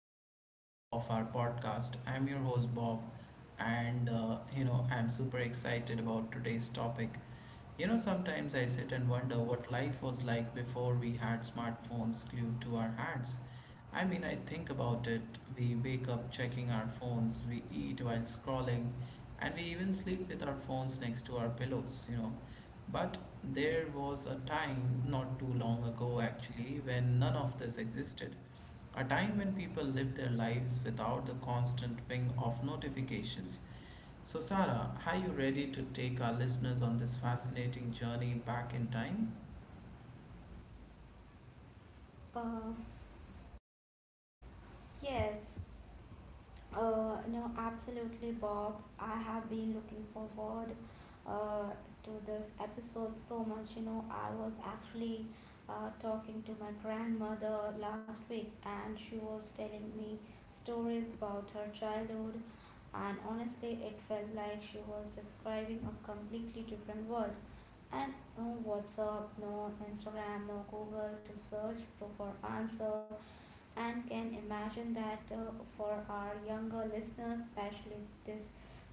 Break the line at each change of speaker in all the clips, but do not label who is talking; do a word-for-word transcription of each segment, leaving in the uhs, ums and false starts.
episode of our podcast. I'm your host Bob, and uh, you know, I'm super excited about today's topic. You know, sometimes I sit and wonder what life was like before we had smartphones glued to our hands. I mean, I think about it. We wake up checking our phones, we eat while scrolling, and we even sleep with our phones next to our pillows, you know. But there was a time not too long ago, actually, when none of this existed. A time when people lived their lives without the constant ping of notifications. So, Sarah, are you ready to take our listeners on this fascinating journey back in time?
Uh, yes. Uh, no, absolutely, Bob. I have been looking forward uh, to this episode so much. You know, I was actually uh, talking to my grandmother last week, and she was telling me stories about her childhood. And honestly, it felt like she was describing a completely different world and no WhatsApp, no Instagram, no Google to search for answer. And can imagine that uh, for our younger listeners, especially this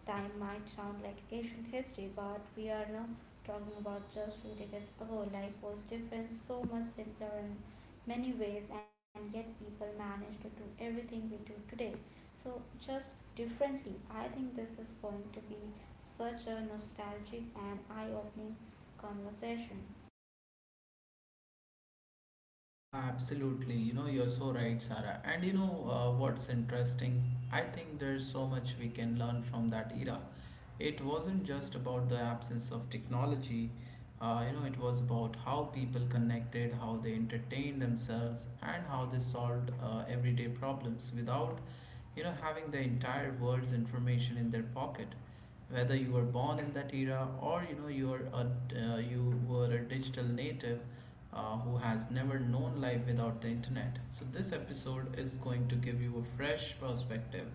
time might sound like ancient history, but we are now talking about just few decades ago. Life was different, so much simpler in many ways, and yet people manage to do everything we do today. So just differently. I think this is going to be such a nostalgic and eye-opening conversation.
Yeah, absolutely. You know, you're so right, Sarah. And you know uh, what's interesting? I think there's so much we can learn from that era. It wasn't just about the absence of technology, uh, you know, it was about how people connected, how they entertained themselves, and how they solved uh, everyday problems without, you know, having the entire world's information in their pocket. Whether you were born in that era or you know you're a uh, you were a digital native uh, who has never known life without the internet. So this episode is going to give you a fresh perspective.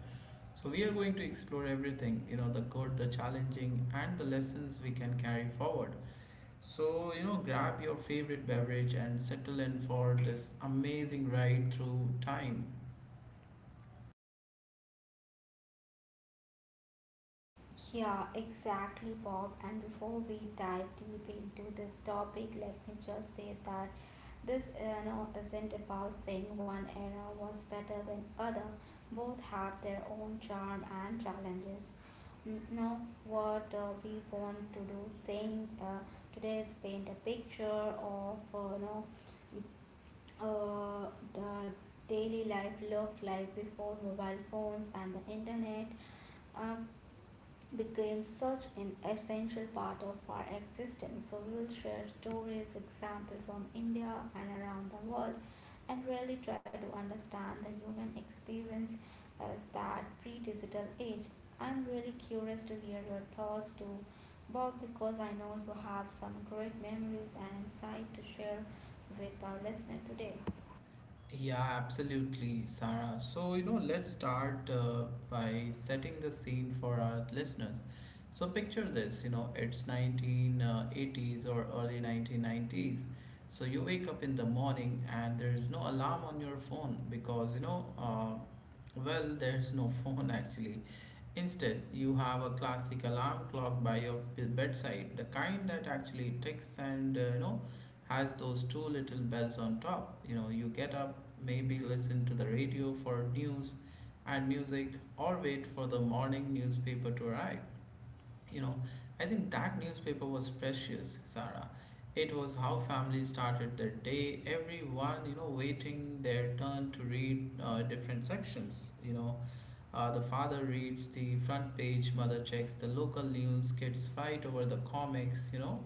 So we are going to explore everything, you know the good, the challenging, and the lessons we can carry forward. So, you know grab your favorite beverage and settle in for this amazing ride through time.
Yeah, exactly, Bob. And before we dive deep into this topic, let me just say that this you know, isn't about saying one era was better than other. Both have their own charm and challenges. Mm, Now, what uh, we want to do, saying uh, today is paint a picture of uh, you know uh, the daily life looked like before mobile phones and the internet. Uh, became such an essential part of our existence. So, we will share stories, examples from India and around the world, and really try to understand the human experience as that pre digital age. I'm really curious to hear your thoughts too, Bob, because I know you have some great memories and insight to share with our listener today.
Yeah, absolutely, Sarah. So, you know, let's start uh, by setting the scene for our listeners. So, picture this, you know, it's nineteen eighties or early nineteen nineties. So, you wake up in the morning and there is no alarm on your phone because, you know, uh, well, there's no phone actually. Instead, you have a classic alarm clock by your b- bedside, the kind that actually ticks and uh, you know has those two little bells on top. You know, you get up, maybe listen to the radio for news and music, or wait for the morning newspaper to arrive. You know, I think that newspaper was precious, Sarah. It was how families started their day. Everyone, you know, waiting their turn to read uh, different sections. You know uh, the father reads the front page, mother checks the local news, kids fight over the comics, you know?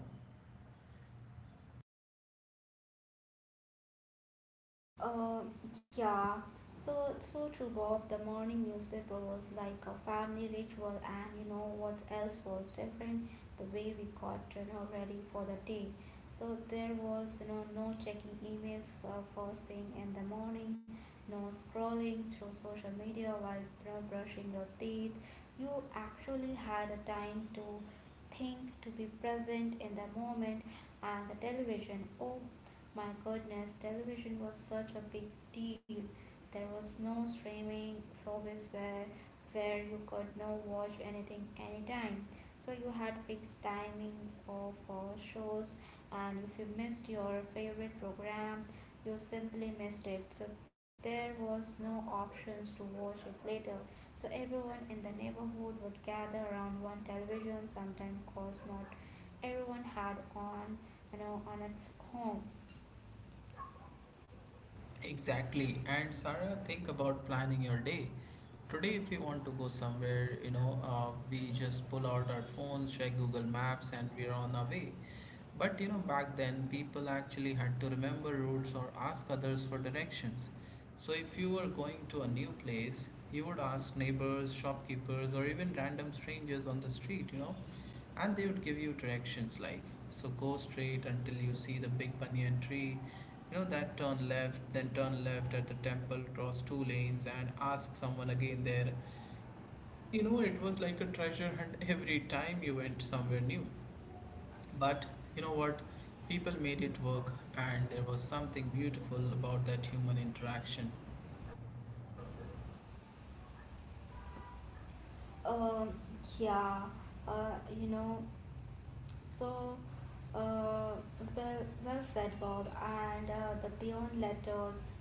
Uh, yeah, so so true, Bob. The morning newspaper was like a family ritual, and you know what else was different? The way we got you know ready for the day. So there was you know no checking emails for first thing in the morning, no scrolling through social media while you know, brushing your teeth. You actually had a time to think, to be present in the moment, and the television. Oh my goodness, television was such a big deal. There was no streaming service where where you could not watch anything anytime. So you had fixed timings of uh, shows, and if you missed your favorite program, you simply missed it. So there was no options to watch it later. So everyone in the neighborhood would gather around one television, sometimes because not everyone had on you know on its home.
Exactly. And Sarah, think about planning your day. Today, if we want to go somewhere, you know, uh, we just pull out our phones, check Google Maps, and we're on our way. But you know, back then, people actually had to remember routes or ask others for directions. So, if you were going to a new place, you would ask neighbors, shopkeepers, or even random strangers on the street, you know? And they would give you directions like, so go straight until you see the big banyan tree, you know, that turn left, then turn left at the temple, cross two lanes, and ask someone again there. You know, it was like a treasure hunt every time you went somewhere new. But you know what? People made it work, and there was something beautiful about that human interaction.
Um, yeah, uh, you know, so uh, well, well said, Bob. And uh, the beyond letters,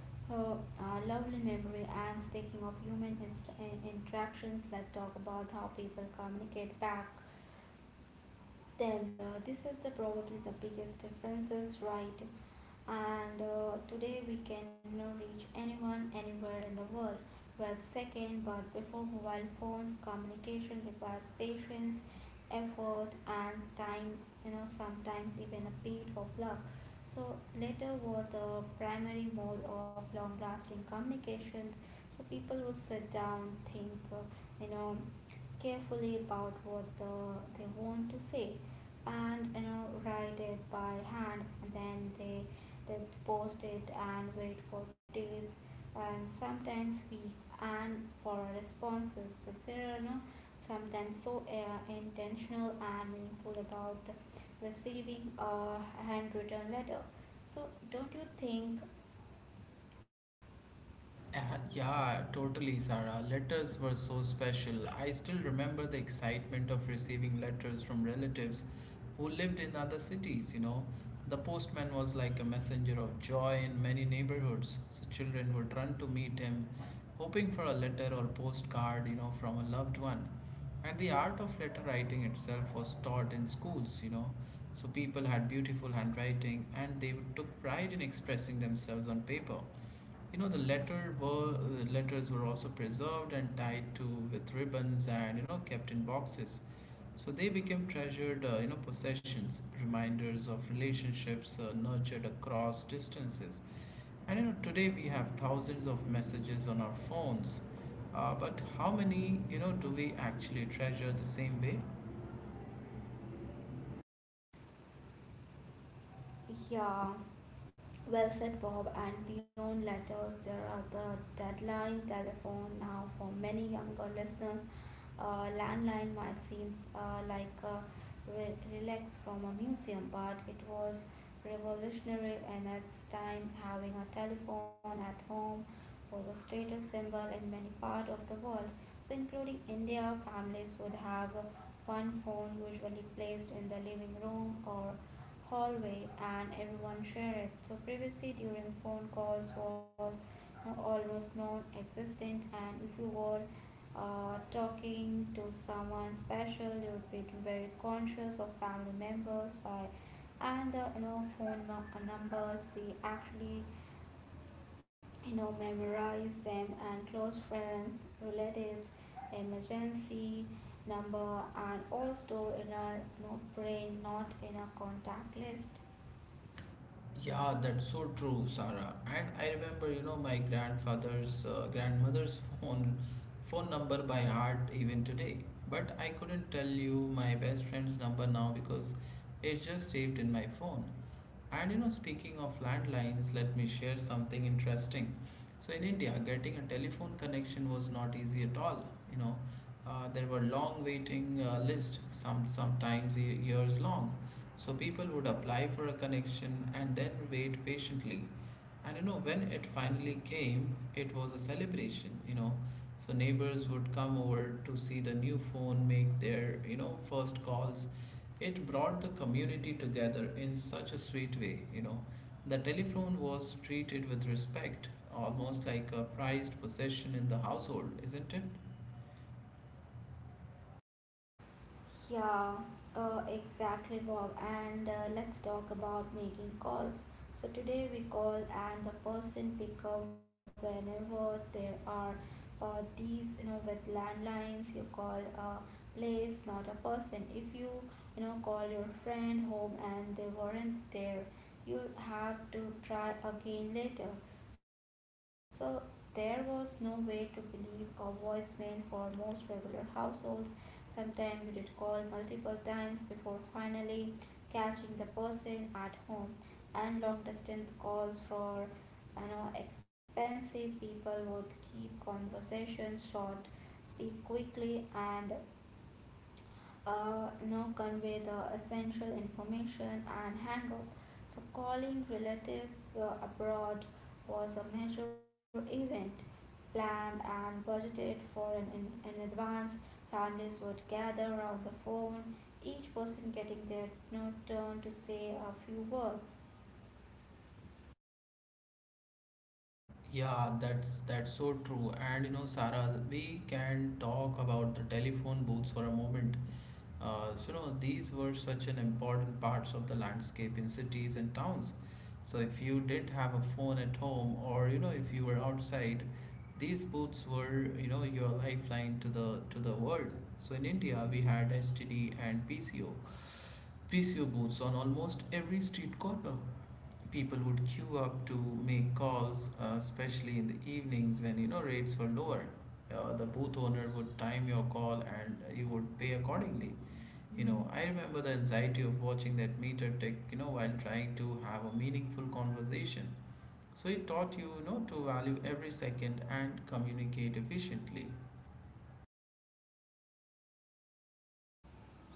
so uh, lovely memory. And speaking of human inst- in- interactions, let's talk about how people communicate back then the, this is the probably the biggest differences right and uh, today we can now reach anyone anywhere in the world well second but before mobile phones communication requires patience effort and time you know sometimes even a bit of luck so later were the primary mode of long lasting communications so people would sit down think uh, you know carefully about what the, they want to say and you know write it by hand and then they they post it and wait for days and sometimes week and for responses so there are no sometimes so uh, intentional and meaningful about receiving a handwritten letter so don't you think?
Uh, yeah, totally, Sarah. Letters were so special. I still remember the excitement of receiving letters from relatives who lived in other cities, you know. The postman was like a messenger of joy in many neighborhoods, so children would run to meet him, hoping for a letter or postcard, you know, from a loved one. And the art of letter writing itself was taught in schools, you know. So people had beautiful handwriting and they took pride in expressing themselves on paper. You know, the letter were the letters were also preserved and tied to with ribbons and you know kept in boxes. So they became treasured, uh, you know, possessions, reminders of relationships uh, nurtured across distances. And you know, today we have thousands of messages on our phones, uh, but how many you know do we actually treasure the same way?
Yeah, well said, Bob. And beyond letters, there are the deadline telephone now for many younger listeners. Uh, landline might seem uh, like a re- relics from a museum, but it was revolutionary in its time. Having a telephone at home was a status symbol in many parts of the world. So, including India, families would have one phone usually placed in the living room or hallway and everyone shared it. So privacy during phone calls was you know, almost non-existent and if you were uh, talking to someone special you would be very conscious of family members by and the you know phone nu- uh, numbers we actually you know memorize them and close friends relatives emergency number and all stored in our you know, brain not in a contact list.
Yeah, that's so true, Sarah. And I remember, you know, my grandfather's uh, grandmother's phone phone number by heart even today. But I couldn't tell you my best friend's number now because it's just saved in my phone. And you know, speaking of landlines, let me share something interesting. So in India, getting a telephone connection was not easy at all. You know, uh, there were long waiting uh, lists, some sometimes ye- years long, so people would apply for a connection and then wait patiently. And you know, when it finally came, it was a celebration, you know. So neighbors would come over to see the new phone, make their, you know, first calls. It brought the community together in such a sweet way, you know. The telephone was treated with respect, almost like a prized possession in the household, isn't it?
Yeah, uh, exactly, Bob. And uh, let's talk about making calls. So today we call and the person pick up whenever there are uh, these, you know, with landlines. You call a place, not a person. If you, you know, call your friend home and they weren't there, you have to try again later. So there was no way to believe a voicemail for most regular households. Sometimes you did call multiple times before finally catching the person at home. And long distance calls for you know expensive people would keep conversations short, speak quickly and uh, you know, convey the essential information and hang up. So calling relative uh, abroad was a major event planned and budgeted for in, in, in advance. Families would gather around the phone, each person getting their you know, turn to say a few words.
Yeah, that's that's so true. And you know, Sarah, we can talk about the telephone booths for a moment. Uh, so, you know, these were such an important parts of the landscape in cities and towns. So, if you didn't have a phone at home, or you know, if you were outside, these booths were, you know, your lifeline to the to the world. So, in India, we had S T D and PCO, P C O booths on almost every street corner. People would queue up to make calls, uh, especially in the evenings when you know rates were lower. Uh, the booth owner would time your call and you would pay accordingly. You know, I remember the anxiety of watching that meter tick, you know, while trying to have a meaningful conversation. So it taught you, you know, to value every second and communicate efficiently.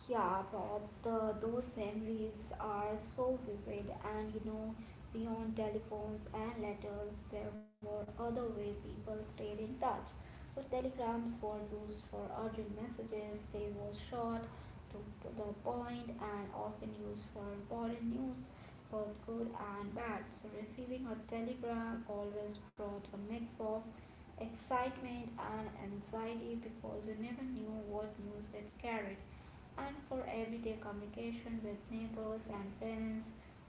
Yeah, but the, those memories are so vivid, and you know, beyond telephones and letters, there were other way people stayed in touch. So telegrams were used for urgent messages. They were short, to p- the point, and often used for important news, both good and bad. So receiving a telegram always brought a mix of excitement and anxiety because you never knew what news it carried and for everyday communication with neighbors and friends.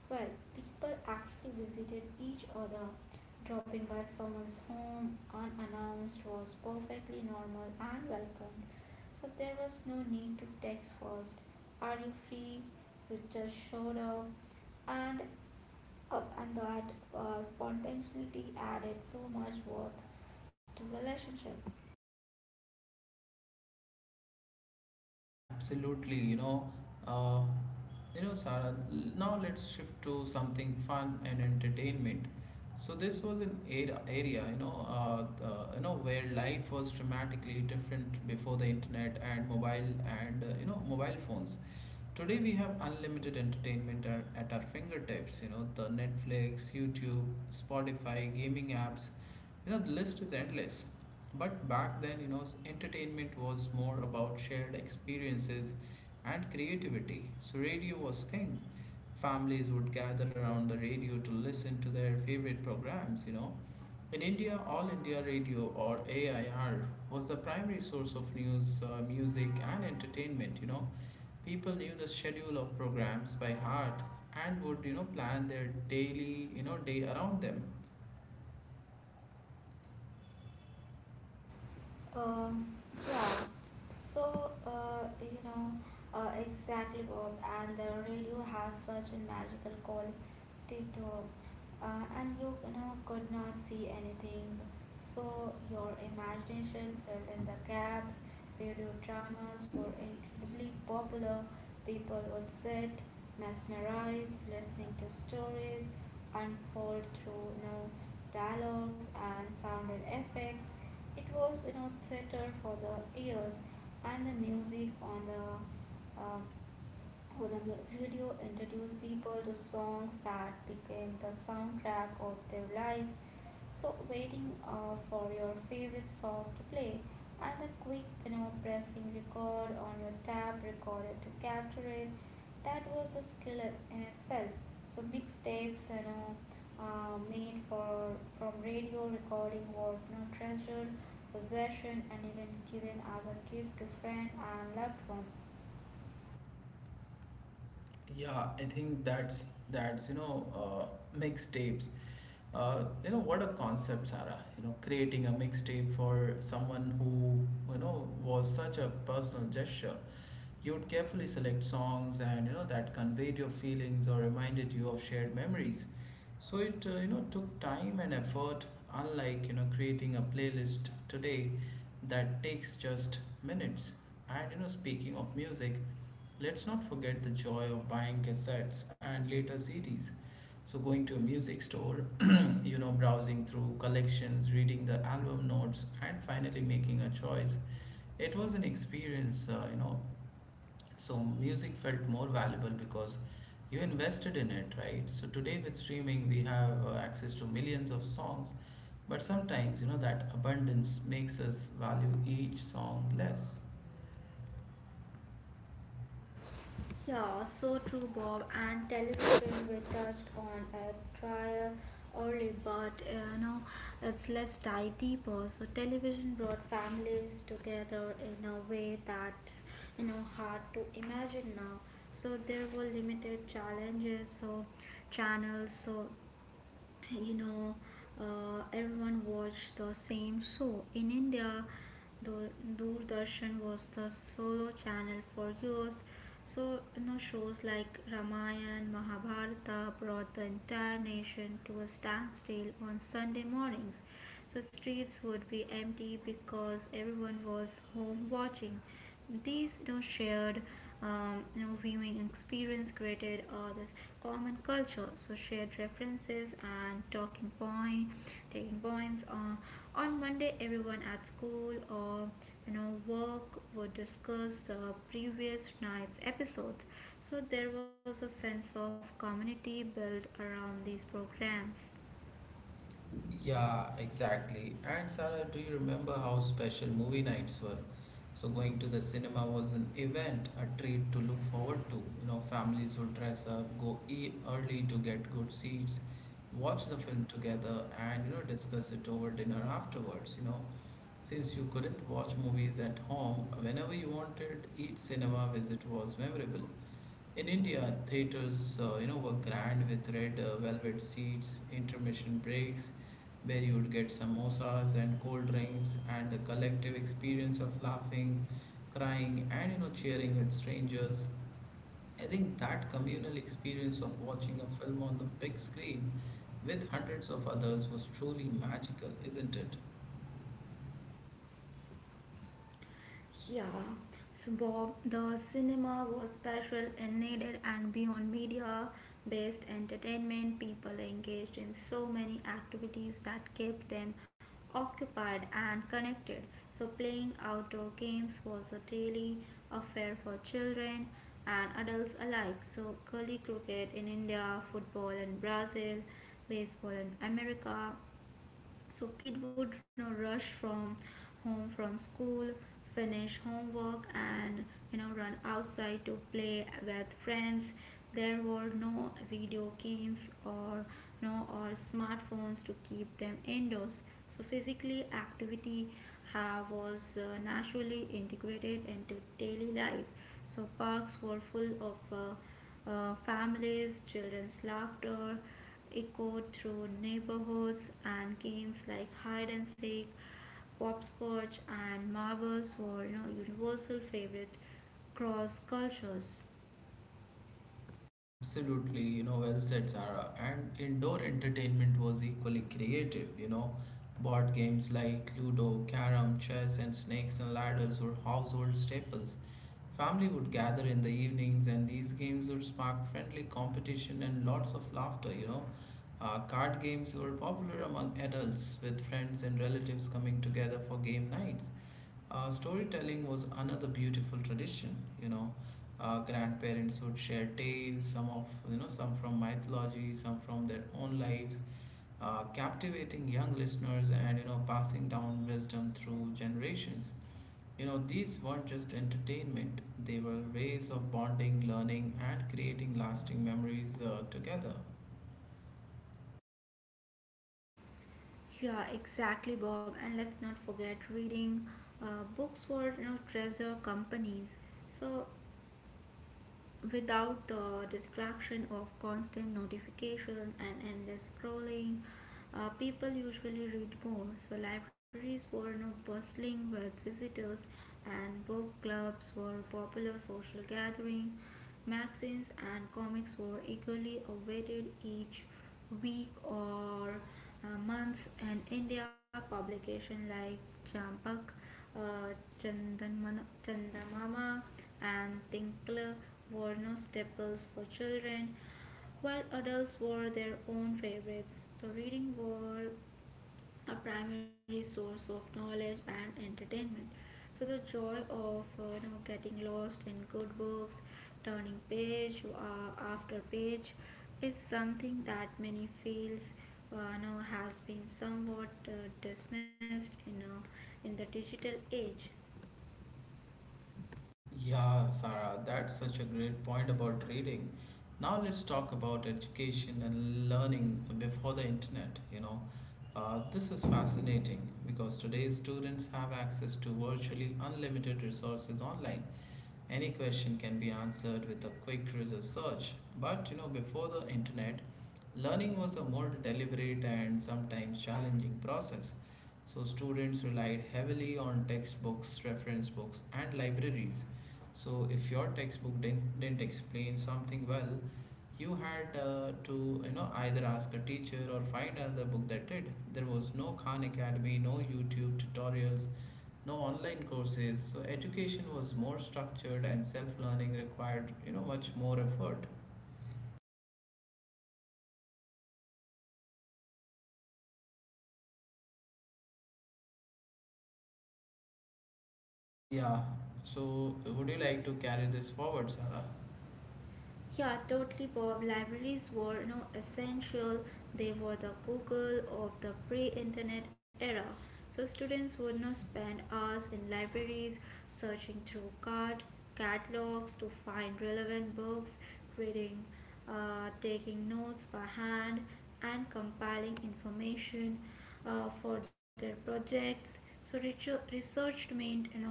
Well, people actually visited each other. Dropping by someone's home unannounced was perfectly normal and welcomed. So there was no need to text first. Are you free? You just showed up, and uh, and that uh, spontaneity added so much worth to relationship.
Absolutely, you know, uh, you know, Sarah. l- Now let's shift to something fun and entertainment. So this was an era, area, you know, uh, uh, you know, where life was dramatically different before the internet and mobile and uh, you know mobile phones. Today we have unlimited entertainment at, at our fingertips, you know, the Netflix, YouTube, Spotify, gaming apps, you know, the list is endless. But back then, you know, entertainment was more about shared experiences and creativity. So radio was king. Families would gather around the radio to listen to their favorite programs, you know. In India, All India Radio or A I R was the primary source of news, uh, music, and entertainment. You know, people knew the schedule of programs by heart and would you know plan their daily you know day around them.
Um, yeah. So, uh, you know, uh, exactly both. And the radio has such a magical quality to uh, and you, you know, could not see anything. So your imagination filled in the gaps. Radio dramas were incredibly popular. People would sit, mesmerized, listening to stories unfold through, you know, dialogues and sounded effects it was, you know, theater for the ears, and the music on the uh, for the mu- radio introduced people to songs that became the soundtrack of their lives. So waiting uh, for your favorite song to play and the quick you know pressing record on your tab recorder to capture it that was a skill in itself. So mixtapes you know uh, made for from radio recording were you know treasured possession and even given as a gift to friends and loved ones.
Yeah I think that's that's you know uh, Mixtapes, uh, you know what a concept, Sarah. You know, creating a mixtape for someone who you know was such a personal gesture. You would carefully select songs and you know that conveyed your feelings or reminded you of shared memories. So it uh, you know took time and effort, unlike you know creating a playlist today that takes just minutes. And you know speaking of music, let's not forget the joy of buying cassettes and later C Ds. So going to a music store, you know browsing through collections, reading the album notes, and finally making a choice. It was an experience, uh, you know so music felt more valuable because you invested in it, right? So today with streaming, we have uh, access to millions of songs, but sometimes, you know, that abundance makes us value each song less.
Yeah, so true, Bob. And television we touched on a trial early, but uh, you know, it's let's dive deeper. So television brought families together in a way that's you know hard to imagine now. So there were limited challenges, so channels, so you know uh, everyone watched the same show in india Dur- doordarshan was the solo channel for years so you know shows like ramayana mahabharata brought the entire nation to a standstill on sunday mornings so streets would be empty because everyone was home watching. These you know, shared um, you know, viewing experience created uh, this common culture. So shared references and talking point, taking points. Uh, on Monday, everyone at school or you know work would discuss the previous night's episode. So there was a sense of community built around these programs.
Yeah, exactly. And Sarah, do you remember how special movie nights were? So going to the cinema was an event, a treat to look forward to. You know, families would dress up, go e early to get good seats, watch the film together, and you know, discuss it over dinner afterwards. You know, since you couldn't watch movies at home whenever you wanted, each cinema visit was memorable. In India, theaters, uh, you know, were grand with red uh, velvet seats, intermission breaks, where you would get samosas and cold drinks, and the collective experience of laughing, crying, and you know, cheering with strangers. I think that communal experience of watching a film on the big screen with hundreds of others was truly magical, isn't it?
Yeah, so Bob, the cinema was special and needed and beyond media based entertainment. People engaged in so many activities that kept them occupied and connected. So, playing outdoor games was a daily affair for children and adults alike. So, gully cricket in India, football in Brazil, baseball in America, so kid would you know rush from home from school finish homework and you know run outside to play with friends there were no video games or no or smartphones to keep them indoors so physically activity uh, was uh, naturally integrated into daily life so parks were full of uh, uh, families children's laughter echoed through neighborhoods, and games like hide and seek, hopscotch, and marbles were you know, universal favorite cross cultures.
Absolutely, you know, well said, Sarah. And indoor entertainment was equally creative, you know. Board games like Ludo, Carom, Chess, and Snakes and Ladders were household staples. Family would gather in the evenings, and these games would spark friendly competition and lots of laughter, you know. Uh, card games were popular among adults, with friends and relatives coming together for game nights. Uh, storytelling was another beautiful tradition. You know, uh, Grandparents would share tales, some of you know, some from mythology, some from their own lives, uh, captivating young listeners and you know, passing down wisdom through generations. You know, these weren't just entertainment; they were ways of bonding, learning, and creating lasting memories uh, together.
Yeah, exactly, Bob. And let's not forget reading. Uh, books were, you know, treasure companies. So without the distraction of constant notification and endless scrolling, uh, people usually read more. So libraries were not bustling with visitors, and book clubs were popular social gathering. Magazines and comics were eagerly awaited each week or uh, month in India. Publication like Champak, uh, Chandanman- Chandamama, and Tinkler were no staples for children while adults were their own favorites. So, reading was a primary source of knowledge and entertainment. So, the joy of uh, you know, getting lost in good books, turning page uh, after page, is something that many feels uh, you know, has been somewhat uh, dismissed in, a in the digital age.
Yeah, Sarah, that's such a great point about reading. Now let's talk about education and learning before the internet. You know, uh, this is fascinating because today's students have access to virtually unlimited resources online. Any question can be answered with a quick research search. But you know, before the internet, learning was a more deliberate and sometimes challenging process. So students relied heavily on textbooks, reference books, and libraries. So, if your textbook didn't didn't explain something well, you had uh, to you know either ask a teacher or find another book that did. There was no Khan Academy, no YouTube tutorials, no online courses. So, education was more structured, and self-learning required you know much more effort. Yeah. So, would you like to carry this forward, Sarah?
Yeah, totally, Bob. Libraries were you know, essential. They were the Google of the pre-internet era. So students would not spend hours in libraries searching through card catalogs to find relevant books, reading, uh, taking notes by hand, and compiling information uh, for their projects. So research research meant you know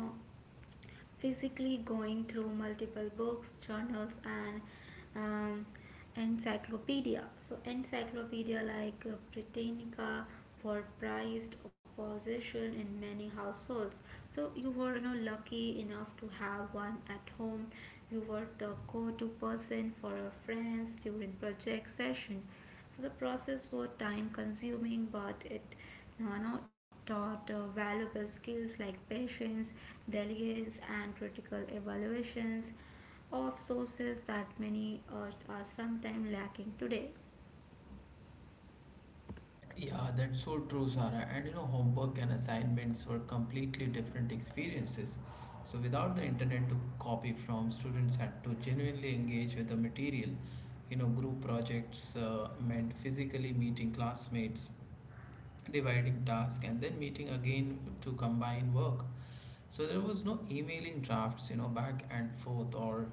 physically going through multiple books, journals, and um, encyclopedia. So encyclopedia like uh, Britannica were prized possession in many households. So you were you know, lucky enough to have one at home. You were the go-to person for your friends during project session. So the process was time consuming, but it now are not taught uh, valuable skills like patience, diligence, and critical evaluations of sources that many uh, are sometimes lacking today.
Yeah, that's so true, Sara. And you know, homework and assignments were completely different experiences. So, without the internet to copy from, students had to genuinely engage with the material. You know, group projects uh, meant physically meeting classmates, dividing tasks, and then meeting again to combine work. So there was no emailing drafts, you know, back and forth or,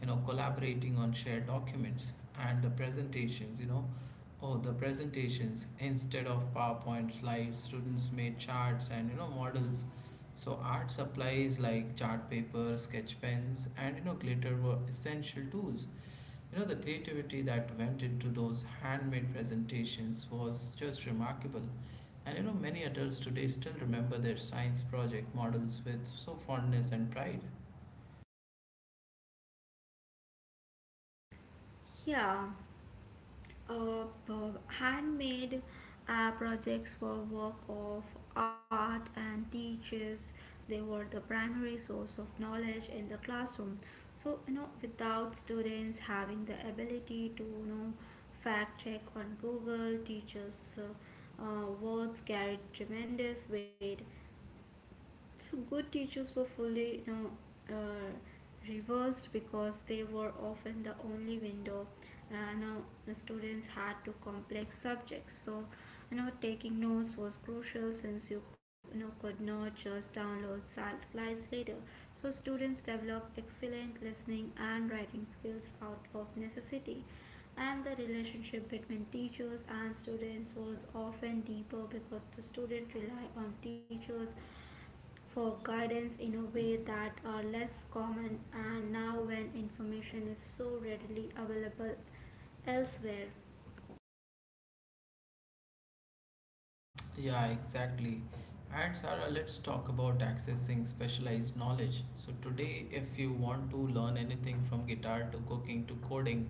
you know, collaborating on shared documents and the presentations, you know, oh, the presentations instead of PowerPoint slides, students made charts and, you know, models. So art supplies like chart paper, sketch pens, and, you know, glitter were essential tools. You know, the creativity that went into those handmade presentations was just remarkable. And you know, many adults today still remember their science project models with so fondness and pride.
Yeah. uh, p- Handmade uh, projects were work of art and teachers. They were the primary source of knowledge in the classroom. So you know, without students having the ability to you know fact check on Google, teachers' uh, uh, words carried tremendous weight. So good teachers were fully you know, uh, reversed because they were often the only window uh, now the students had to complex subjects. So you know taking notes was crucial since you, you know could not just download slides later. So students developed excellent listening and writing skills out of necessity, and the relationship between teachers and students was often deeper because the student relied on teachers for guidance in a way that are less common and now when information is so readily available elsewhere.
Yeah, exactly. And Sarah, let's talk about accessing specialized knowledge. So, today, if you want to learn anything from guitar to cooking to coding,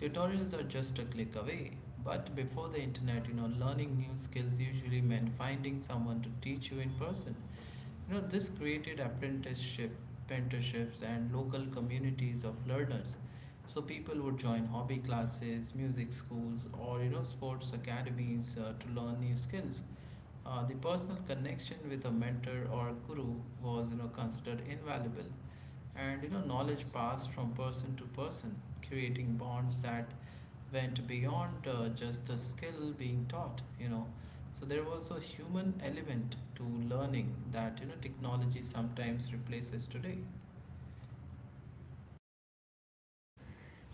tutorials are just a click away. But before the internet, you know, learning new skills usually meant finding someone to teach you in person. You know, this created apprenticeship, mentorships, and local communities of learners. So people would join hobby classes, music schools, or you know, sports academies uh, to learn new skills. Uh, the personal connection with a mentor or guru was you know considered invaluable, and you know knowledge passed from person to person, creating bonds that went beyond uh, just the skill being taught, you know. So there was a human element to learning that you know technology sometimes replaces today.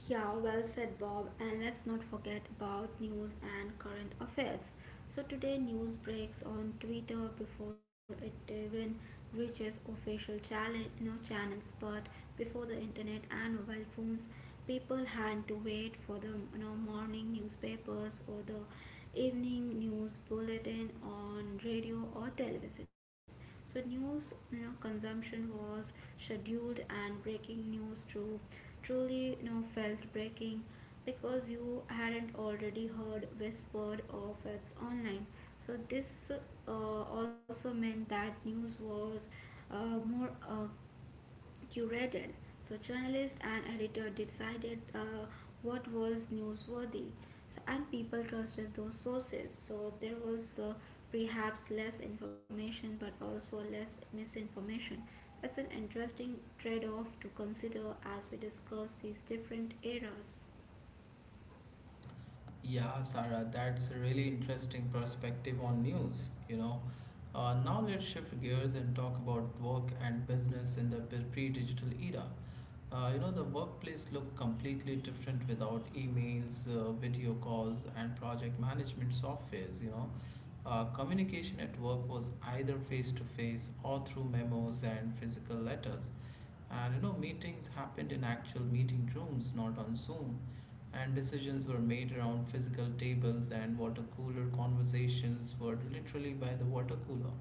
Yeah, well said, Bob. And let's not forget about news and current affairs. So today news breaks on Twitter before it even reaches official challenge, no channels, but before the internet and mobile phones, people had to wait for the you know, morning newspapers or the evening news bulletin on radio or television. So news you know, consumption was scheduled, and breaking news too truly you know felt breaking because you hadn't already heard whispered of it's online. So this uh, also meant that news was uh, more uh, curated. So journalists and editor decided uh, what was newsworthy, and people trusted those sources. So there was uh, perhaps less information, but also less misinformation. That's an interesting trade-off to consider as we discuss these different eras.
Yeah, Sarah, that's a really interesting perspective on news, you know. Uh, now let's shift gears and talk about work and business in the pre- pre-digital era. Uh, you know, the workplace looked completely different without emails, uh, video calls, and project management softwares, you know. Uh, communication at work was either face to face or through memos and physical letters. And you know, meetings happened in actual meeting rooms, not on Zoom. And decisions were made around physical tables, and water cooler conversations were literally by the water cooler.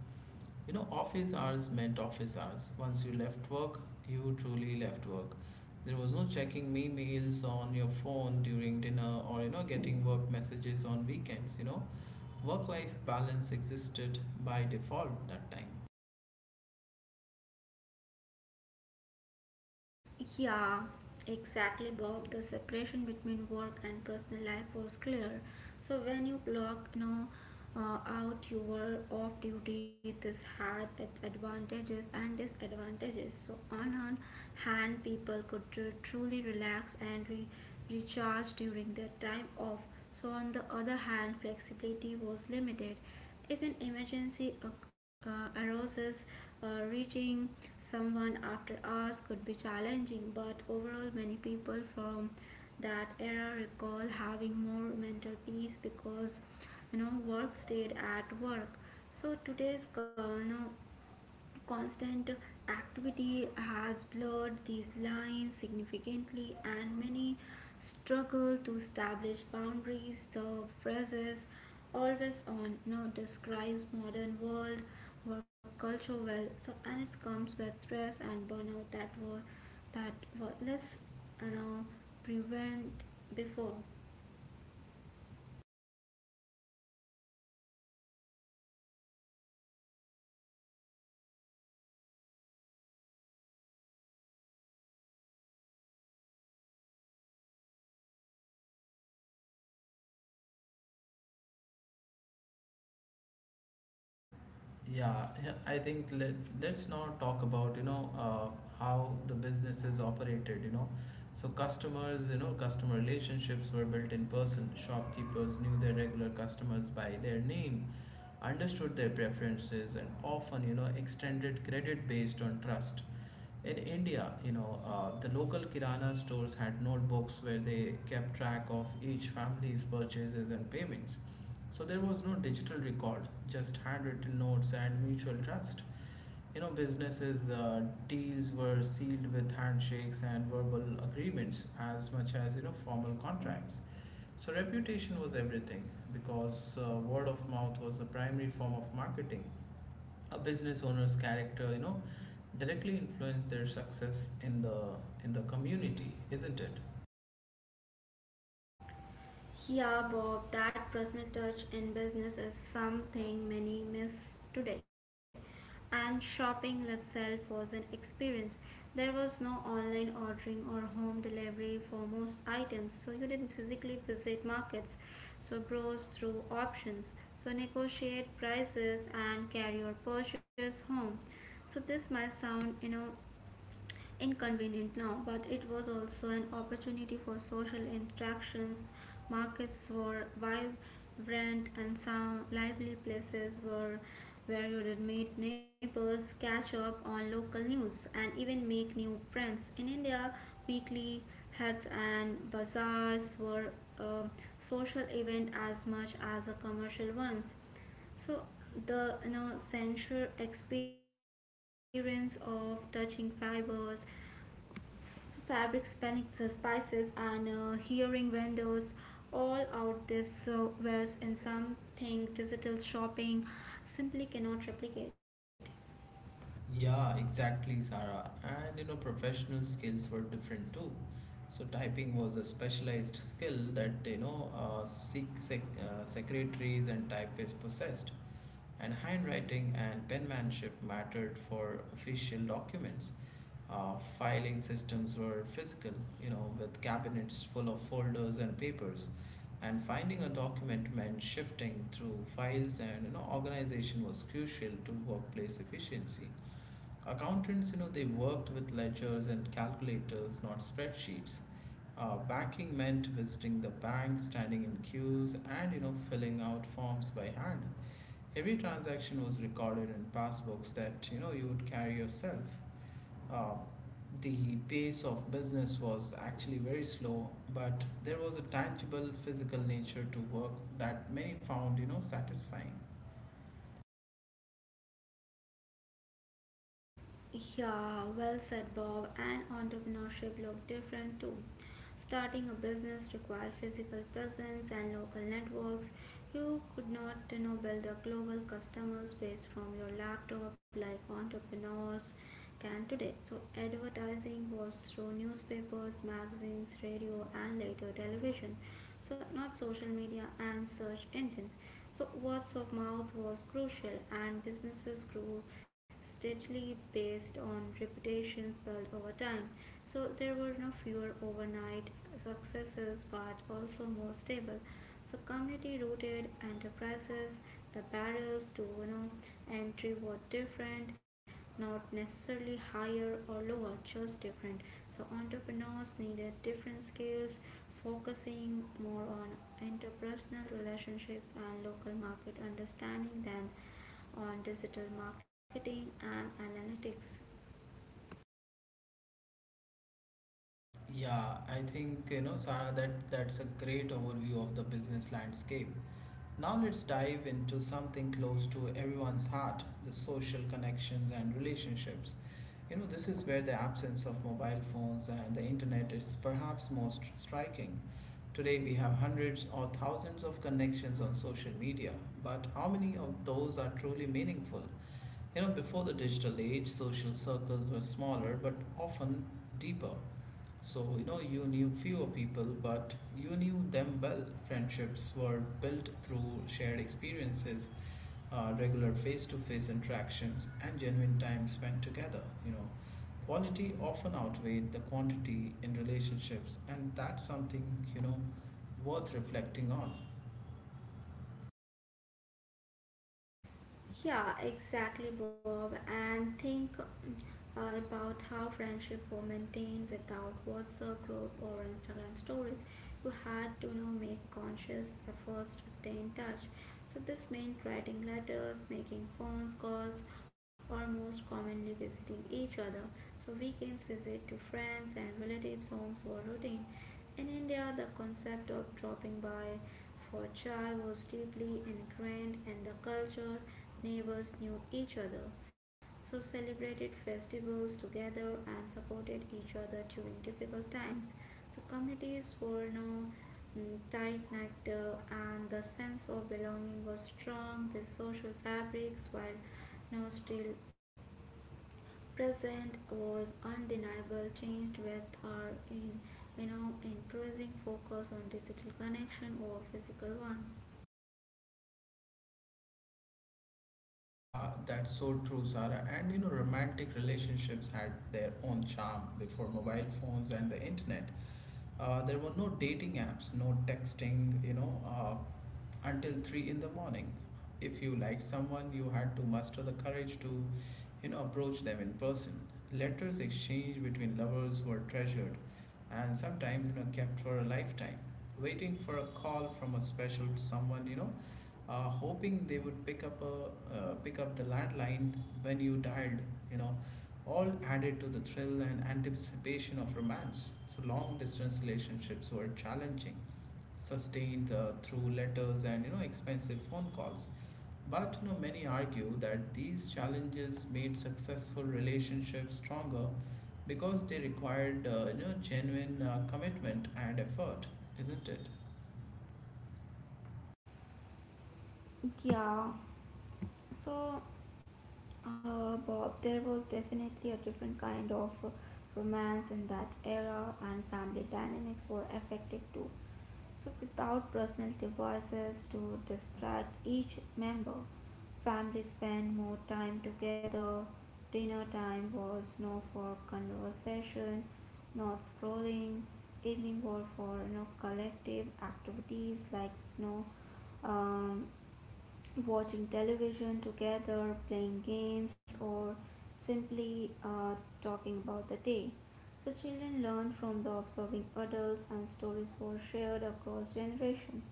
You know, office hours meant office hours. Once you left work, you truly left work. There was no checking emails on your phone during dinner or, you know, getting work messages on weekends. You know, work life balance existed by default that time.
Yeah, exactly, Bob. The separation between work and personal life was clear. So when you clock, you know, uh, out, you were off duty. This had its advantages and disadvantages. So on one hand, people could tr- truly relax and re- recharge during their time off. So on the other hand, flexibility was limited. If an emergency uh, arises, uh, reaching someone after hours could be challenging, but overall, many people from that era recall having more mental peace because you know work stayed at work. So today's uh, you know, constant activity has blurred these lines significantly, and many struggle to establish boundaries. The phrases always on, you know, describes modern world work culture well. So and it comes with stress and burnout that were that were less you know prevent before.
Yeah, yeah, I think let, let's now talk about, you know, uh, how the business is operated, you know. So customers, you know, customer relationships were built in person. Shopkeepers knew their regular customers by their name, understood their preferences, and often, you know, extended credit based on trust. In India, you know, uh, the local kirana stores had notebooks where they kept track of each family's purchases and payments. So there was no digital record, just handwritten notes and mutual trust. You know, businesses' uh, deals were sealed with handshakes and verbal agreements as much as, you know, formal contracts. So reputation was everything because uh, word of mouth was the primary form of marketing. A business owner's character, you know, directly influence their success in the in the community, isn't it?
Yeah, Bob, that personal touch in business is something many miss today. And shopping itself was an experience. There was no online ordering or home delivery for most items, so you didn't physically visit markets, so browse through options, so negotiate prices and carry your purchase home. So this might sound, you know, inconvenient now, but it was also an opportunity for social interactions. Markets were vibrant and some lively places were where you would meet neighbors, catch up on local news, and even make new friends. In India, weekly heads and bazaars were a social event as much as a commercial ones. So the you know sensual experience of touching fibers, so fabrics, panics, uh, spices, and uh, hearing vendors all out this uh, wares in something digital shopping simply cannot replicate.
Yeah, exactly, Sarah. And you know, professional skills were different too. So typing was a specialized skill that you know uh, sec- sec- uh, secretaries and typists possessed. And handwriting and penmanship mattered for official documents. Uh, filing systems were physical, you know, with cabinets full of folders and papers. And finding a document meant shifting through files, and you know, organization was crucial to workplace efficiency. Accountants, you know, they worked with ledgers and calculators, not spreadsheets. Uh, banking meant visiting the bank, standing in queues, and you know, filling out forms by hand. Every transaction was recorded in passbooks that you know you would carry yourself. Uh, the pace of business was actually very slow, but there was a tangible physical nature to work that many found you know satisfying.
Yeah, well said, Bob. And entrepreneurship look different too. Starting a business required physical presence and local networks. You could not, you know, build a global customer base from your laptop like entrepreneurs can today. So advertising was through newspapers, magazines, radio, and later television. So not social media and search engines. So words of mouth was crucial, and businesses grew steadily based on reputations built over time. So there were no fewer overnight successes, but also more stable, so community rooted enterprises. The barriers to you know entry were different, not necessarily higher or lower, just different. So entrepreneurs needed different skills, focusing more on interpersonal relationships and local market understanding than on digital marketing and analytics.
Yeah, I think you know Sarah that that's a great overview of the business landscape. Now let's dive into something close to everyone's heart, the social connections and relationships. You know, this is where the absence of mobile phones and the internet is perhaps most striking. Today we have hundreds or thousands of connections on social media, but how many of those are truly meaningful? You know, before the digital age, social circles were smaller but often deeper. So, you know, you knew fewer people, but you knew them well. Friendships were built through shared experiences, uh, regular face to face interactions, and genuine time spent together. You know, quality often outweighed the quantity in relationships, and that's something, you know, worth reflecting on.
Yeah, exactly, Bob. And think uh, about how friendship were maintained without WhatsApp group or Instagram stories. You had to you know make conscious efforts to stay in touch. So this meant writing letters, making phone calls, or most commonly visiting each other. So weekends visit to friends and relatives' homes were routine. In India, the concept of dropping by for chai was deeply ingrained in the culture. Neighbors knew each other, so celebrated festivals together and supported each other during difficult times. So communities were now tight knit, and the sense of belonging was strong. These social fabrics, while now still present was undeniable, changed with our in, you know increasing focus on digital connection over physical ones.
Yeah, that's so true, Sarah. And you know, romantic relationships had their own charm before mobile phones and the internet. Uh, there were no dating apps, no texting, you know, uh, until three in the morning. If you liked someone, you had to muster the courage to, you know, approach them in person. Letters exchanged between lovers were treasured and sometimes, you know, kept for a lifetime. Waiting for a call from a special someone, you know, uh, hoping they would pick up a uh, pick up the landline when you dialed. You know, all added to the thrill and anticipation of romance. So long distance relationships were challenging, sustained uh, through letters and you know expensive phone calls. But you know many argue that these challenges made successful relationships stronger because they required uh, you know genuine uh, commitment and effort, isn't it?
Yeah. So, uh, Bob, there was definitely a different kind of uh, romance in that era, and family dynamics were affected too. So, without personal devices to distract each member, families spent more time together. Dinner time was no for conversation, not scrolling. Evening were for you know collective activities like you know um, watching television together, playing games, or simply uh, talking about the day. So children learn from the observing adults, and stories were shared across generations.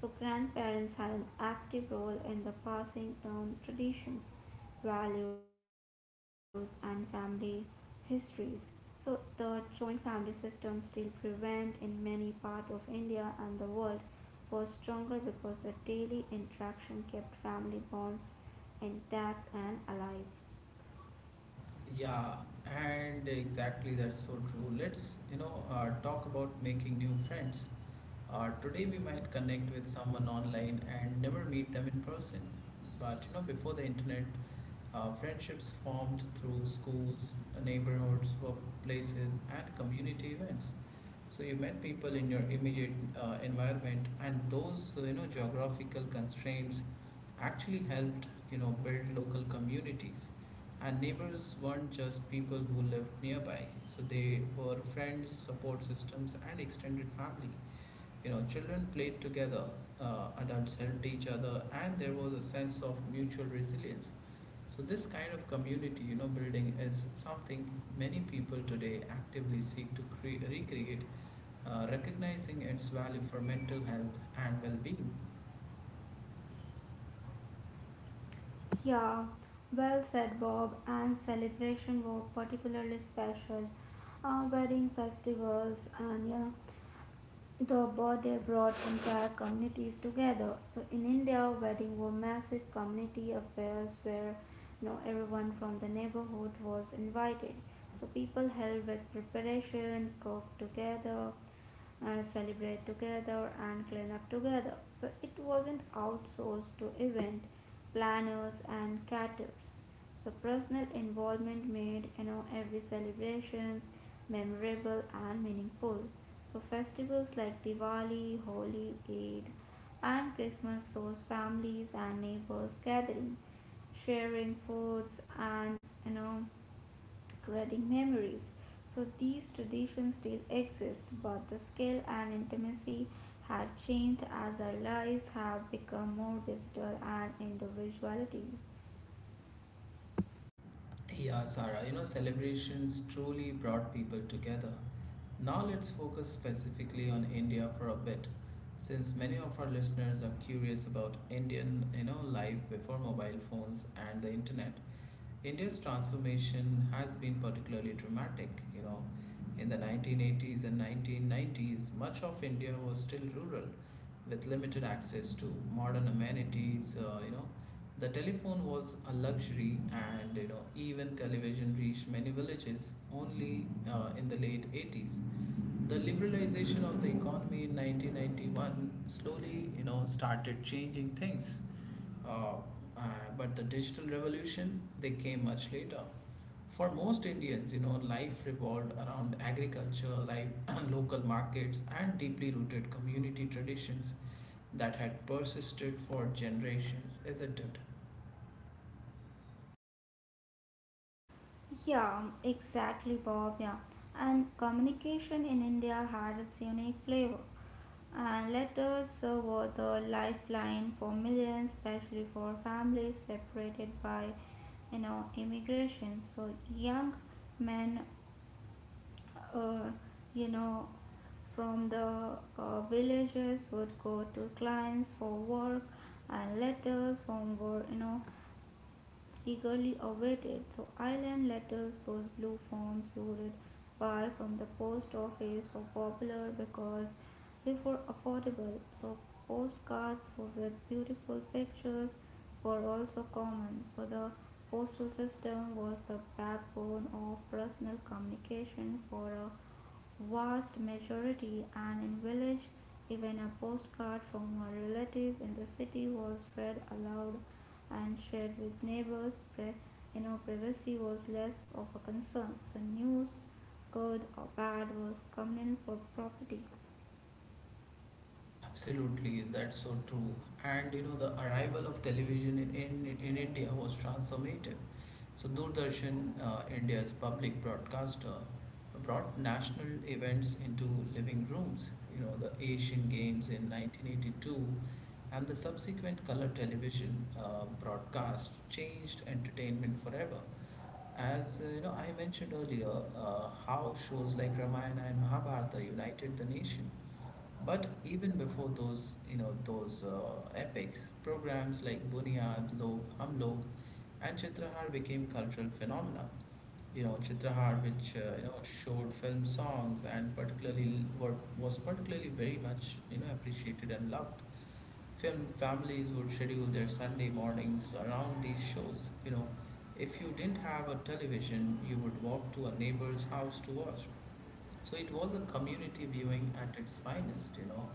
So grandparents had an active role in the passing down traditions, values, and family histories. So the joint family system still prevalent in many parts of India and the world was stronger because the daily interaction kept family bonds intact and alive.
Yeah, and exactly that's so true. Let's, you know, uh, talk about making new friends. Uh, today we might connect with someone online and never meet them in person. But, you know, before the internet, uh, friendships formed through schools, neighborhoods, workplaces, and community events. So you met people in your immediate uh, environment, and those uh, you know geographical constraints actually helped you know build local communities. And neighbors weren't just people who lived nearby, so they were friends, support systems, and extended family. You know, children played together, uh, adults helped each other, and there was a sense of mutual resilience. So this kind of community, you know, building is something many people today actively seek to cre- recreate, uh, recognizing its value for mental health and well-being.
Yeah, well said, Bob. And celebration were particularly special. Uh, wedding festivals and yeah, the border brought entire communities together. So in India, wedding were massive community affairs where you know everyone from the neighborhood was invited. So people helped with preparation, cooked together, uh, celebrate together, and clean up together. So it wasn't outsourced to event planners and caterers. The personal involvement made you know every celebrations memorable and meaningful. So festivals like Diwali, Holi, Eid, and Christmas shows families and neighbors gathering, sharing foods, and you know creating memories. So these traditions still exist, but the scale and intimacy have changed as our lives have become more digital and individuality.
Yeah, Sarah, you know, celebrations truly brought people together. Now let's focus specifically on India for a bit, since many of our listeners are curious about Indian, you know, life before mobile phones and the internet. India's transformation has been particularly dramatic, you know. In the nineteen eighties and nineteen nineties, much of India was still rural with limited access to modern amenities, uh, you know. The telephone was a luxury and, you know, even television reached many villages only uh, in the late eighties. The liberalization of the economy in nineteen ninety-one slowly you know started changing things, uh, uh, but the digital revolution they came much later. For most Indians, you know, life revolved around agriculture, like local markets and deeply rooted community traditions that had persisted for generations, isn't it?
Yeah, exactly, Bob. Yeah, and communication in India had its unique flavor. And letters uh, were the lifeline for millions, especially for families separated by, you know, immigration. So young men, uh, you know, from the uh, villages would go to clients for work, and letters home were, you know, eagerly awaited. So island letters, those blue forms loaded by from the post office were popular because they were affordable. So postcards with beautiful pictures were also common. So the postal system was the backbone of personal communication for a vast majority, and in village, even a postcard from a relative in the city was read aloud and shared with neighbors. Pri- you know, privacy was less of a concern, so news, good or bad, was common for property.
Absolutely, that's so true. And you know, the arrival of television in, in, in India was transformative. So, Doordarshan, uh, India's public broadcaster, brought national events into living rooms. You know, the Asian Games in nineteen eighty-two and the subsequent color television uh, broadcast changed entertainment forever. As uh, you know, I mentioned earlier, uh, how shows like Ramayana and Mahabharata united the nation. But even before those, you know, those uh, epics, programs like Buniyad, Log, Hum Log, and Chitrahar became cultural phenomena. You know, Chitrahar, which uh, you know showed film songs and particularly were, was particularly very much you know appreciated and loved. Film families would schedule their Sunday mornings around these shows. You know, if you didn't have a television, you would walk to a neighbor's house to watch. So it was a community viewing at its finest, you know.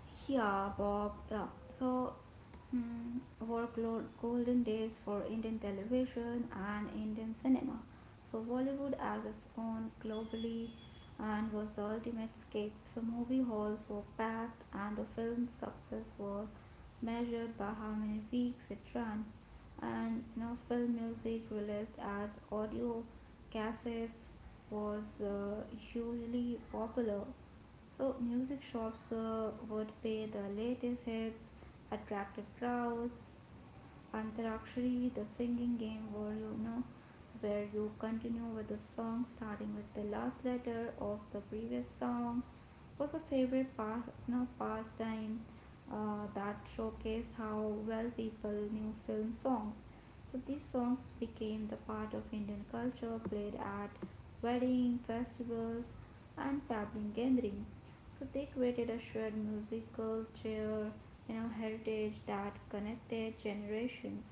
Yeah, Bob. Yeah. So, mm, workload golden days for Indian television and Indian cinema. So Bollywood as its own globally and was the ultimate escape. So movie halls were packed, and the film's success was measured by how many weeks it ran. And you know, film music released as audio cassettes was uh, hugely popular. So music shops uh, would pay the latest hits, attracted crowds, Antarakshari, the singing game where you know where you continue with the song starting with the last letter of the previous song was a favorite part, you know, pastime uh, that showcased how well people knew film songs. So these songs became the part of Indian culture played at wedding, festivals and family gathering. So they created a shared musical chair you know heritage that connected generations.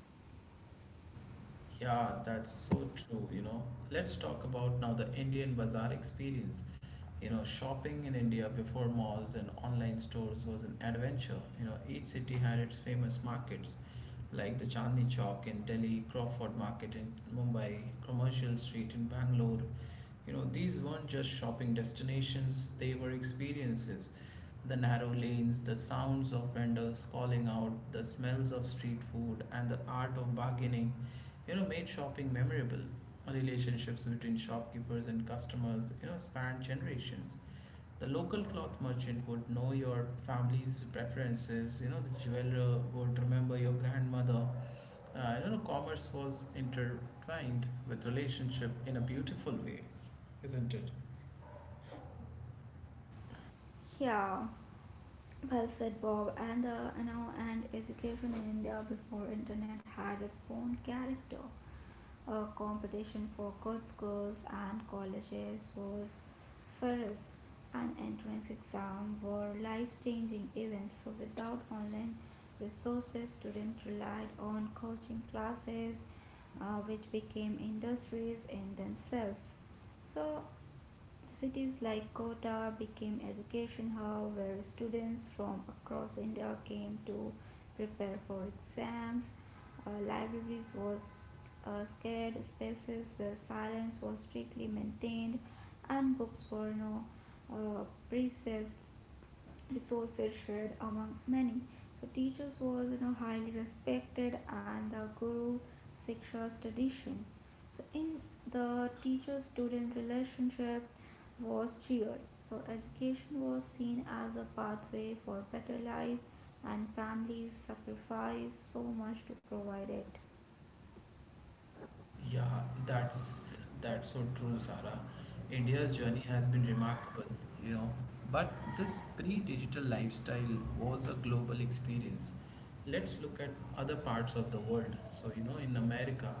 Yeah, that's so true, you know. Let's talk about now the Indian bazaar experience. You know, shopping in India before malls and online stores was an adventure. You know, each city had its famous markets, like the Chandni Chowk in Delhi, Crawford Market in Mumbai, Commercial Street in Bangalore. You know, these weren't just shopping destinations, they were experiences. The narrow lanes, the sounds of vendors calling out, the smells of street food, and the art of bargaining, you know, made shopping memorable. Relationships between shopkeepers and customers, you know, spanned generations. The local cloth merchant would know your family's preferences. You know, the jeweler would remember your grandmother. Uh, you know, commerce was intertwined with relationship in a beautiful way, isn't it?
Yeah, well said, Bob. And the you know and education in India before internet had its own character. A competition for good schools and colleges was ferocious, and entrance exam were life-changing events. So without online resources, students relied on coaching classes, uh, which became industries in themselves. So cities like Kota became education hub where students from across India came to prepare for exams. Uh, libraries was uh, scared spaces where silence was strictly maintained, and books were no uh, precessed resources shared among many. So teachers was you know highly respected and the Guru Shiksha's tradition. So in the teacher-student relationship was cheered. So education was seen as a pathway for better life, and families sacrificed so much to provide it.
Yeah, that's that's so true, Sarah. India's journey has been remarkable, you know. But this pre-digital lifestyle was a global experience. Let's look at other parts of the world. So, you know, in America,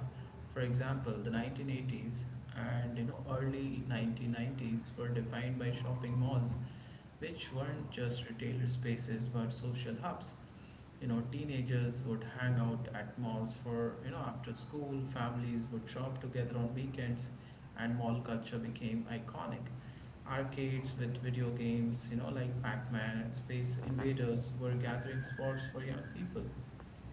for example, the nineteen eighties and you know early nineteen nineties were defined by shopping malls, which weren't just retailer spaces but social hubs. You know teenagers would hang out at malls for you know after school. Families would shop together on weekends, and mall culture became iconic. Arcades with video games, you know like Pac-Man and Space Invaders, were gathering spots for young people.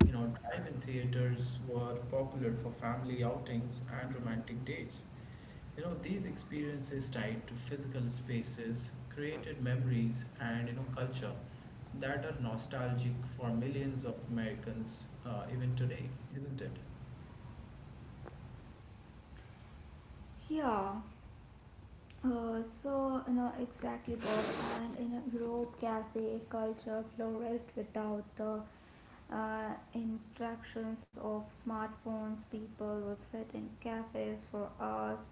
You know drive-in theaters were popular for family outings and romantic dates. You know, these experiences tied to physical spaces created memories and, you know, culture that are nostalgic for millions of Americans, uh, even today, isn't it?
Yeah. Uh, so, you know, exactly, Bob. And in Europe, cafe culture flourished without the uh, interactions of smartphones. People would sit in cafes for hours,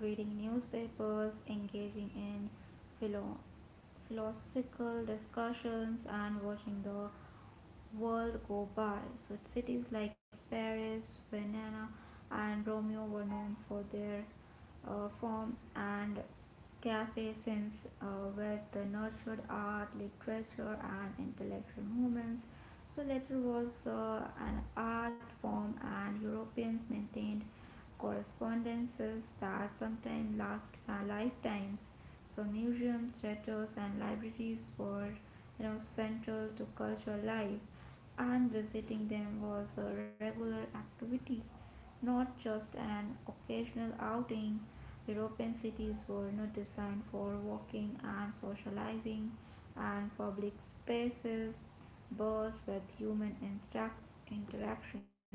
reading newspapers, engaging in philo- philosophical discussions, and watching the world go by. So cities like Paris, Vienna, and Romeo were known for their uh, form and cafe since uh, where they nurtured art, literature, and intellectual movements. So letter was uh, an art form, and Europeans maintained correspondences that sometimes last lifetimes. So museums, theaters, and libraries were you know, central to cultural life, and visiting them was a regular activity, not just an occasional outing. European cities were not designed for walking and socializing, and public spaces buzzed with human interact interactions.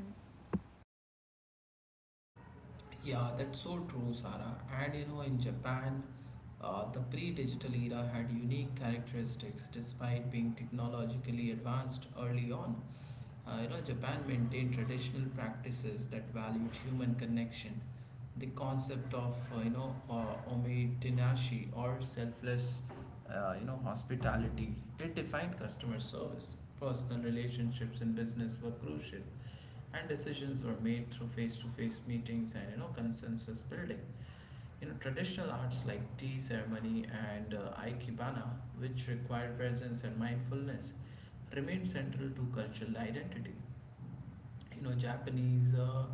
Yeah, that's so true, Sarah. And you know, in Japan, uh, the pre-digital era had unique characteristics despite being technologically advanced early on. Uh, you know, Japan maintained traditional practices that valued human connection. The concept of uh, you know uh, ometenashi, or selfless uh, you know hospitality, it defined customer service. Personal relationships in business were crucial, and decisions were made through face-to-face meetings and you know consensus building. You know traditional arts like tea ceremony and uh, aikibana, which require presence and mindfulness, remained central to cultural identity. You know japanese uh,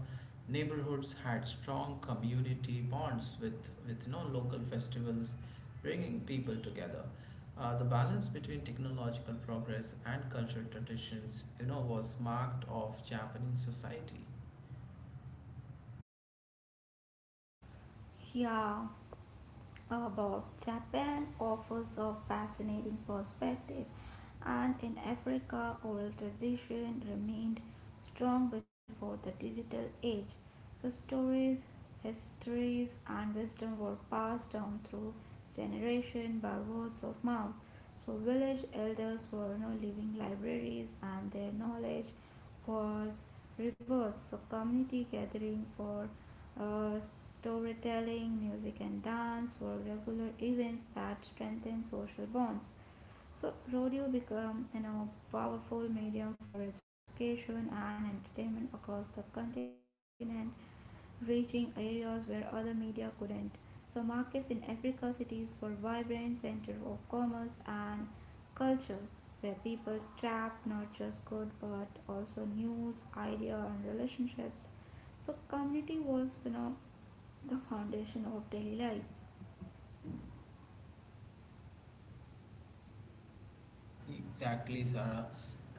neighborhoods had strong community bonds with with you know local festivals bringing people together. Uh, the balance between technological progress and cultural traditions you know was marked of Japanese society.
Yeah. About Japan offers a fascinating perspective, and in Africa, oral tradition remained strong before the digital age. So stories, histories, and wisdom were passed down through generation by words of mouth. So village elders were now living libraries, and their knowledge was reversed. So community gathering for uh, storytelling, music, and dance were regular events that strengthened social bonds. So rodeo became, you know, a powerful medium for education and entertainment across the continent, reaching areas where other media couldn't. So markets in Africa cities were vibrant center of commerce and culture, where people trapped not just good but also news, idea, and relationships. So community was, you know the foundation of daily life.
Exactly, Sarah.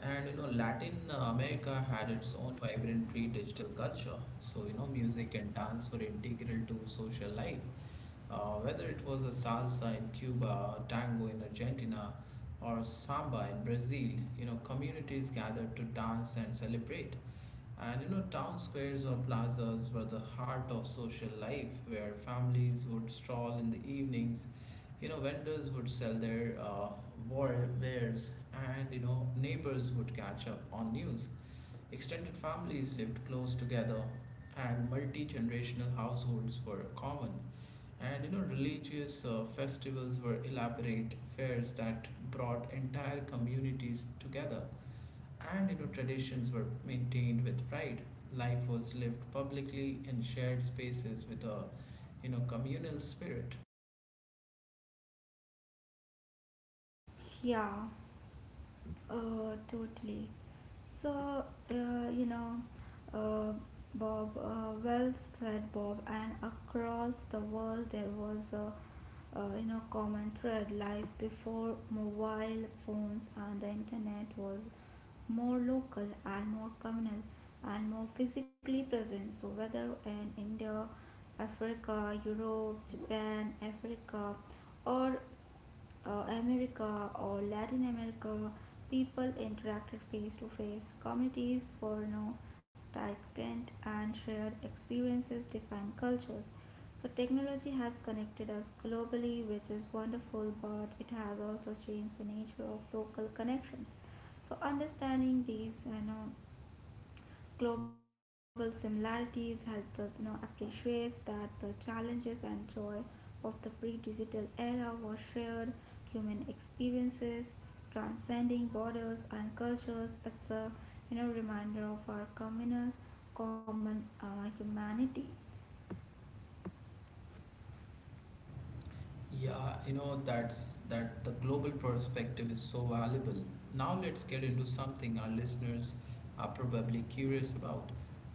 And you know, Latin uh, America had its own vibrant pre-digital culture. So, you know, music and dance were integral to social life. Uh, whether it was a salsa in Cuba, tango in Argentina, or samba in Brazil, you know, communities gathered to dance and celebrate. And you know, town squares or plazas were the heart of social life where families would stroll in the evenings. You know, vendors would sell their uh, war wares, and you know, neighbors would catch up on news. Extended families lived close together, and multi generational households were common. And you know, religious uh, festivals were elaborate fairs that brought entire communities together, and you know traditions were maintained with pride. Life was lived publicly in shared spaces with a you know communal spirit.
Yeah, uh, totally. So, uh, you know, uh, Bob, uh, well said, Bob. And across the world, there was a uh, you know common thread. Life before mobile phones and the internet was more local and more communal and more physically present. So whether in India, Africa, Europe, Japan, Africa, or uh, America or Latin America, people interacted face to face. Communities were no tight-knit and shared experiences define cultures. So technology has connected us globally, which is wonderful, but it has also changed the nature of local connections. So understanding these, you know, global similarities helps us you know appreciate that the challenges and joy of the pre-digital era were shared human experiences transcending borders and cultures. It's a you know reminder of our communal common uh, humanity.
Yeah, you know, that's that the global perspective is so valuable. Now let's get into something our listeners are probably curious about,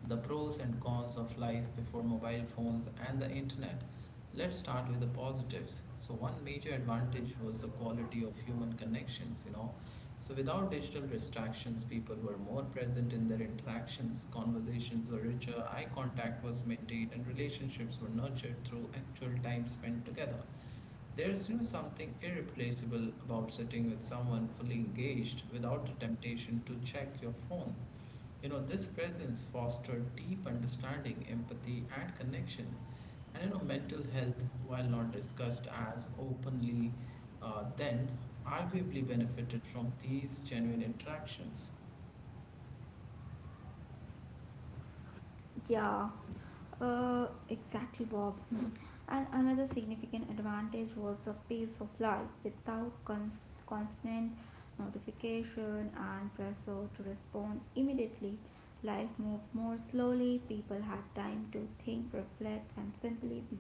the pros and cons of life before mobile phones and the internet. Let's start with the positives. So one major advantage was the quality of human connections, you know. So without digital distractions, people were more present in their interactions, conversations were richer, eye contact was maintained, and relationships were nurtured through actual time spent together. There's you know something irreplaceable about sitting with someone fully engaged without the temptation to check your phone. You know, this presence fosters deep understanding, empathy, and connection. And you know, mental health, while not discussed as openly, uh, then arguably benefited from these genuine interactions.
Yeah, uh, exactly, Bob. Hmm. And another significant advantage was the pace of life without cons- constant notification and pressure to respond immediately. Life moved more slowly, people had time to think, reflect, and simply be.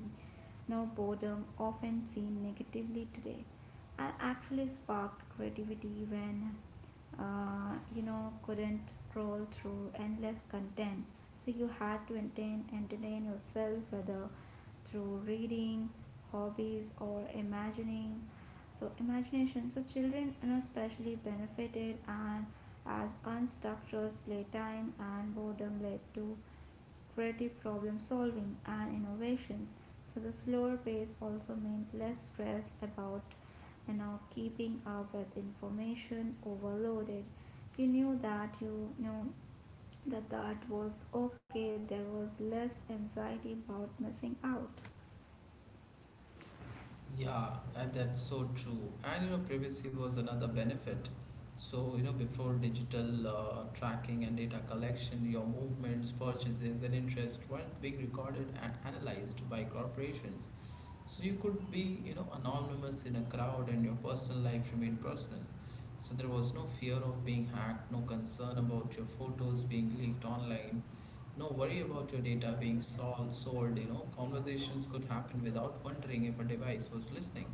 No boredom, often seen negatively today. I actually sparked creativity when uh, you know couldn't scroll through endless content. So you had to entertain, entertain yourself whether through reading, hobbies, or imagining. So imagination. So children, you know, especially benefited and as unstructured playtime and boredom led to creative problem solving and innovations. So the slower pace also meant less stress about and of keeping up with information overloaded you knew that you knew that that was okay. There was less anxiety about missing out.
Yeah, and that's so true. And you know, privacy was another benefit. So, you know, before digital uh, tracking and data collection, your movements, purchases, and interests weren't being recorded and analyzed by corporations. So you could be, you know, anonymous in a crowd, and your personal life remained personal. So there was no fear of being hacked, no concern about your photos being leaked online, no worry about your data being sold, sold, you know, conversations could happen without wondering if a device was listening.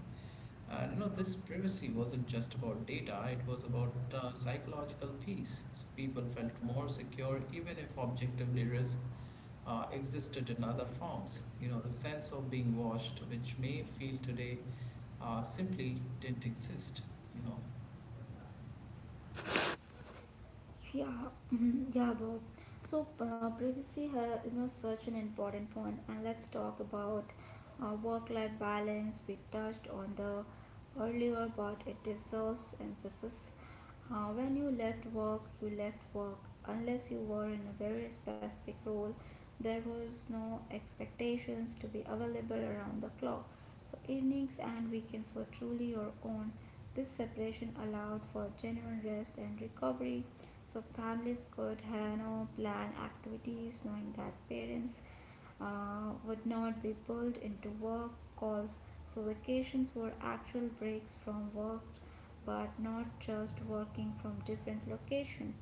I do know, this privacy wasn't just about data, it was about uh, psychological peace. So people felt more secure even if objectively risks uh, existed in other forms. You know, the sense of being watched, which may feel today, uh, simply didn't exist, you know.
Yeah, mhm, yeah, Bob. So uh, privacy ha- you know, such an important point, and let's talk about uh, work-life balance. We touched on the earlier, but it deserves emphasis. Uh, when you left work, you left work. Unless you were in a very specific role, there was no expectations to be available around the clock. So evenings and weekends were truly your own. This separation allowed for genuine rest and recovery. So families could, you know, plan activities knowing that parents uh, would not be pulled into work calls. So vacations were actual breaks from work but not just working from different locations.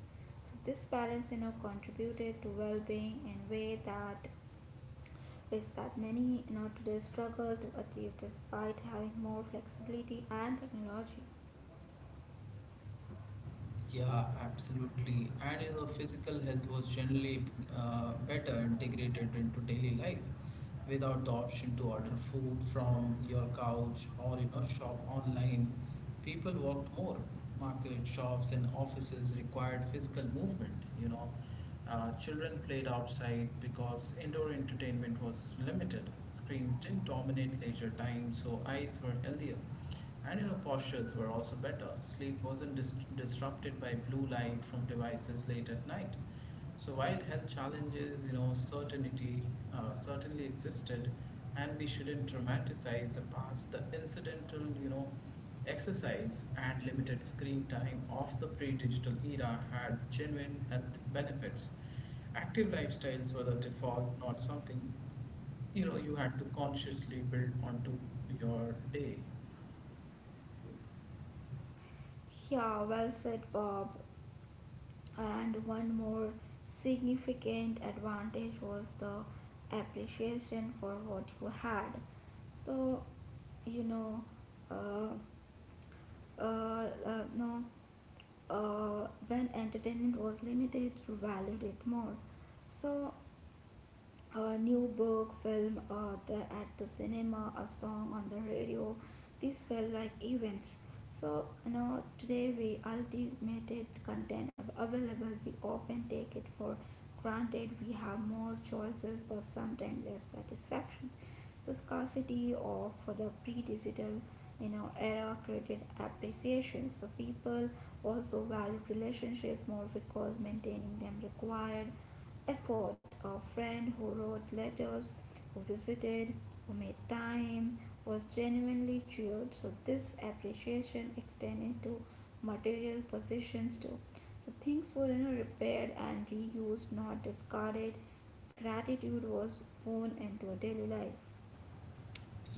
So this balance, you know contributed to well-being in a way that is that many now today struggle to achieve despite having more flexibility and technology.
Yeah, absolutely. And you know, physical health was generally uh, better integrated into daily life without the option to order food from your couch or you know shop online. People walked more. Market shops and offices required physical movement. You know, uh, children played outside because indoor entertainment was limited. Screens didn't dominate leisure time, so eyes were healthier. And you know, postures were also better. Sleep wasn't dis- disrupted by blue light from devices late at night. So while health challenges, you know, certainty uh, certainly existed, and we shouldn't dramatize the past, the incidental, you know, exercise and limited screen time of the pre-digital era had genuine health benefits. Active lifestyles were the default, not something, you know, you had to consciously build onto your day.
Yeah, well said, Bob. And one more significant advantage was the appreciation for what you had. So, you know, uh, uh, uh, no, uh, When entertainment was limited, you valued it more. So a new book, film, or the, at the cinema, a song on the radio. These felt like events. So you know, today we ultimated content available. We often take it for granted. We have more choices, but sometimes less satisfaction. The scarcity of the pre-digital, you know, era created appreciations. The people also value relationship more because maintaining them required effort, a friend who wrote letters, who visited, who made time, was genuinely cheered. So this appreciation extended to material possessions too. So things were, you know, repaired and reused, not discarded. Gratitude was woven into daily life.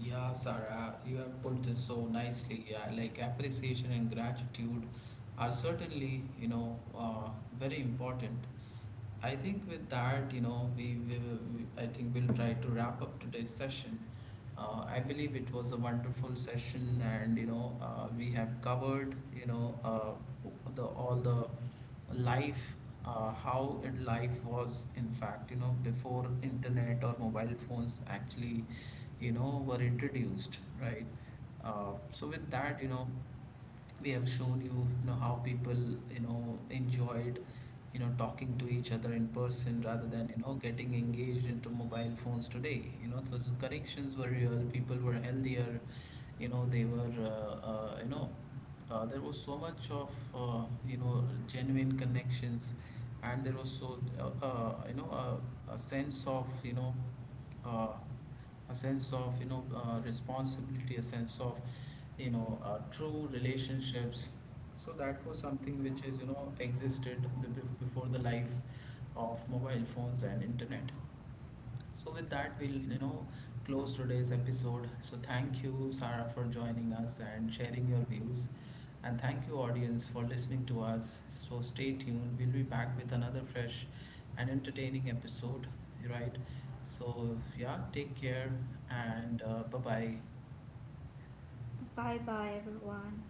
Yeah, Sarah, you have put this so nicely. Yeah, like appreciation and gratitude are certainly, you know, uh, very important. I think with that, you know, we, will we I think we'll try to wrap up today's session. Uh, I believe it was a wonderful session, and you know, uh, we have covered, you know, uh, the all the life. uh, how it- life was, in fact, you know before internet or mobile phones actually you know were introduced, right? Uh, so with that, you know we have shown you you know how people you know enjoyed you know talking to each other in person rather than you know getting engaged into mobile phones today. You know so the connections were real, people were healthier. You know they were uh, uh, you know uh, There was so much of uh, you know genuine connections, and there was so uh, uh, you know a, a sense of you know uh, a sense of you know uh, responsibility, a sense of you know uh, true relationships. So that was something which is you know existed be- be- before the life of mobile phones and internet. So with that, we'll you know close today's episode. So thank you, Sarah, for joining us and sharing your views, and thank you, audience, for listening to us. So stay tuned. We'll be back with another fresh and entertaining episode. Right. So yeah, take care and uh, bye bye.
Bye bye everyone.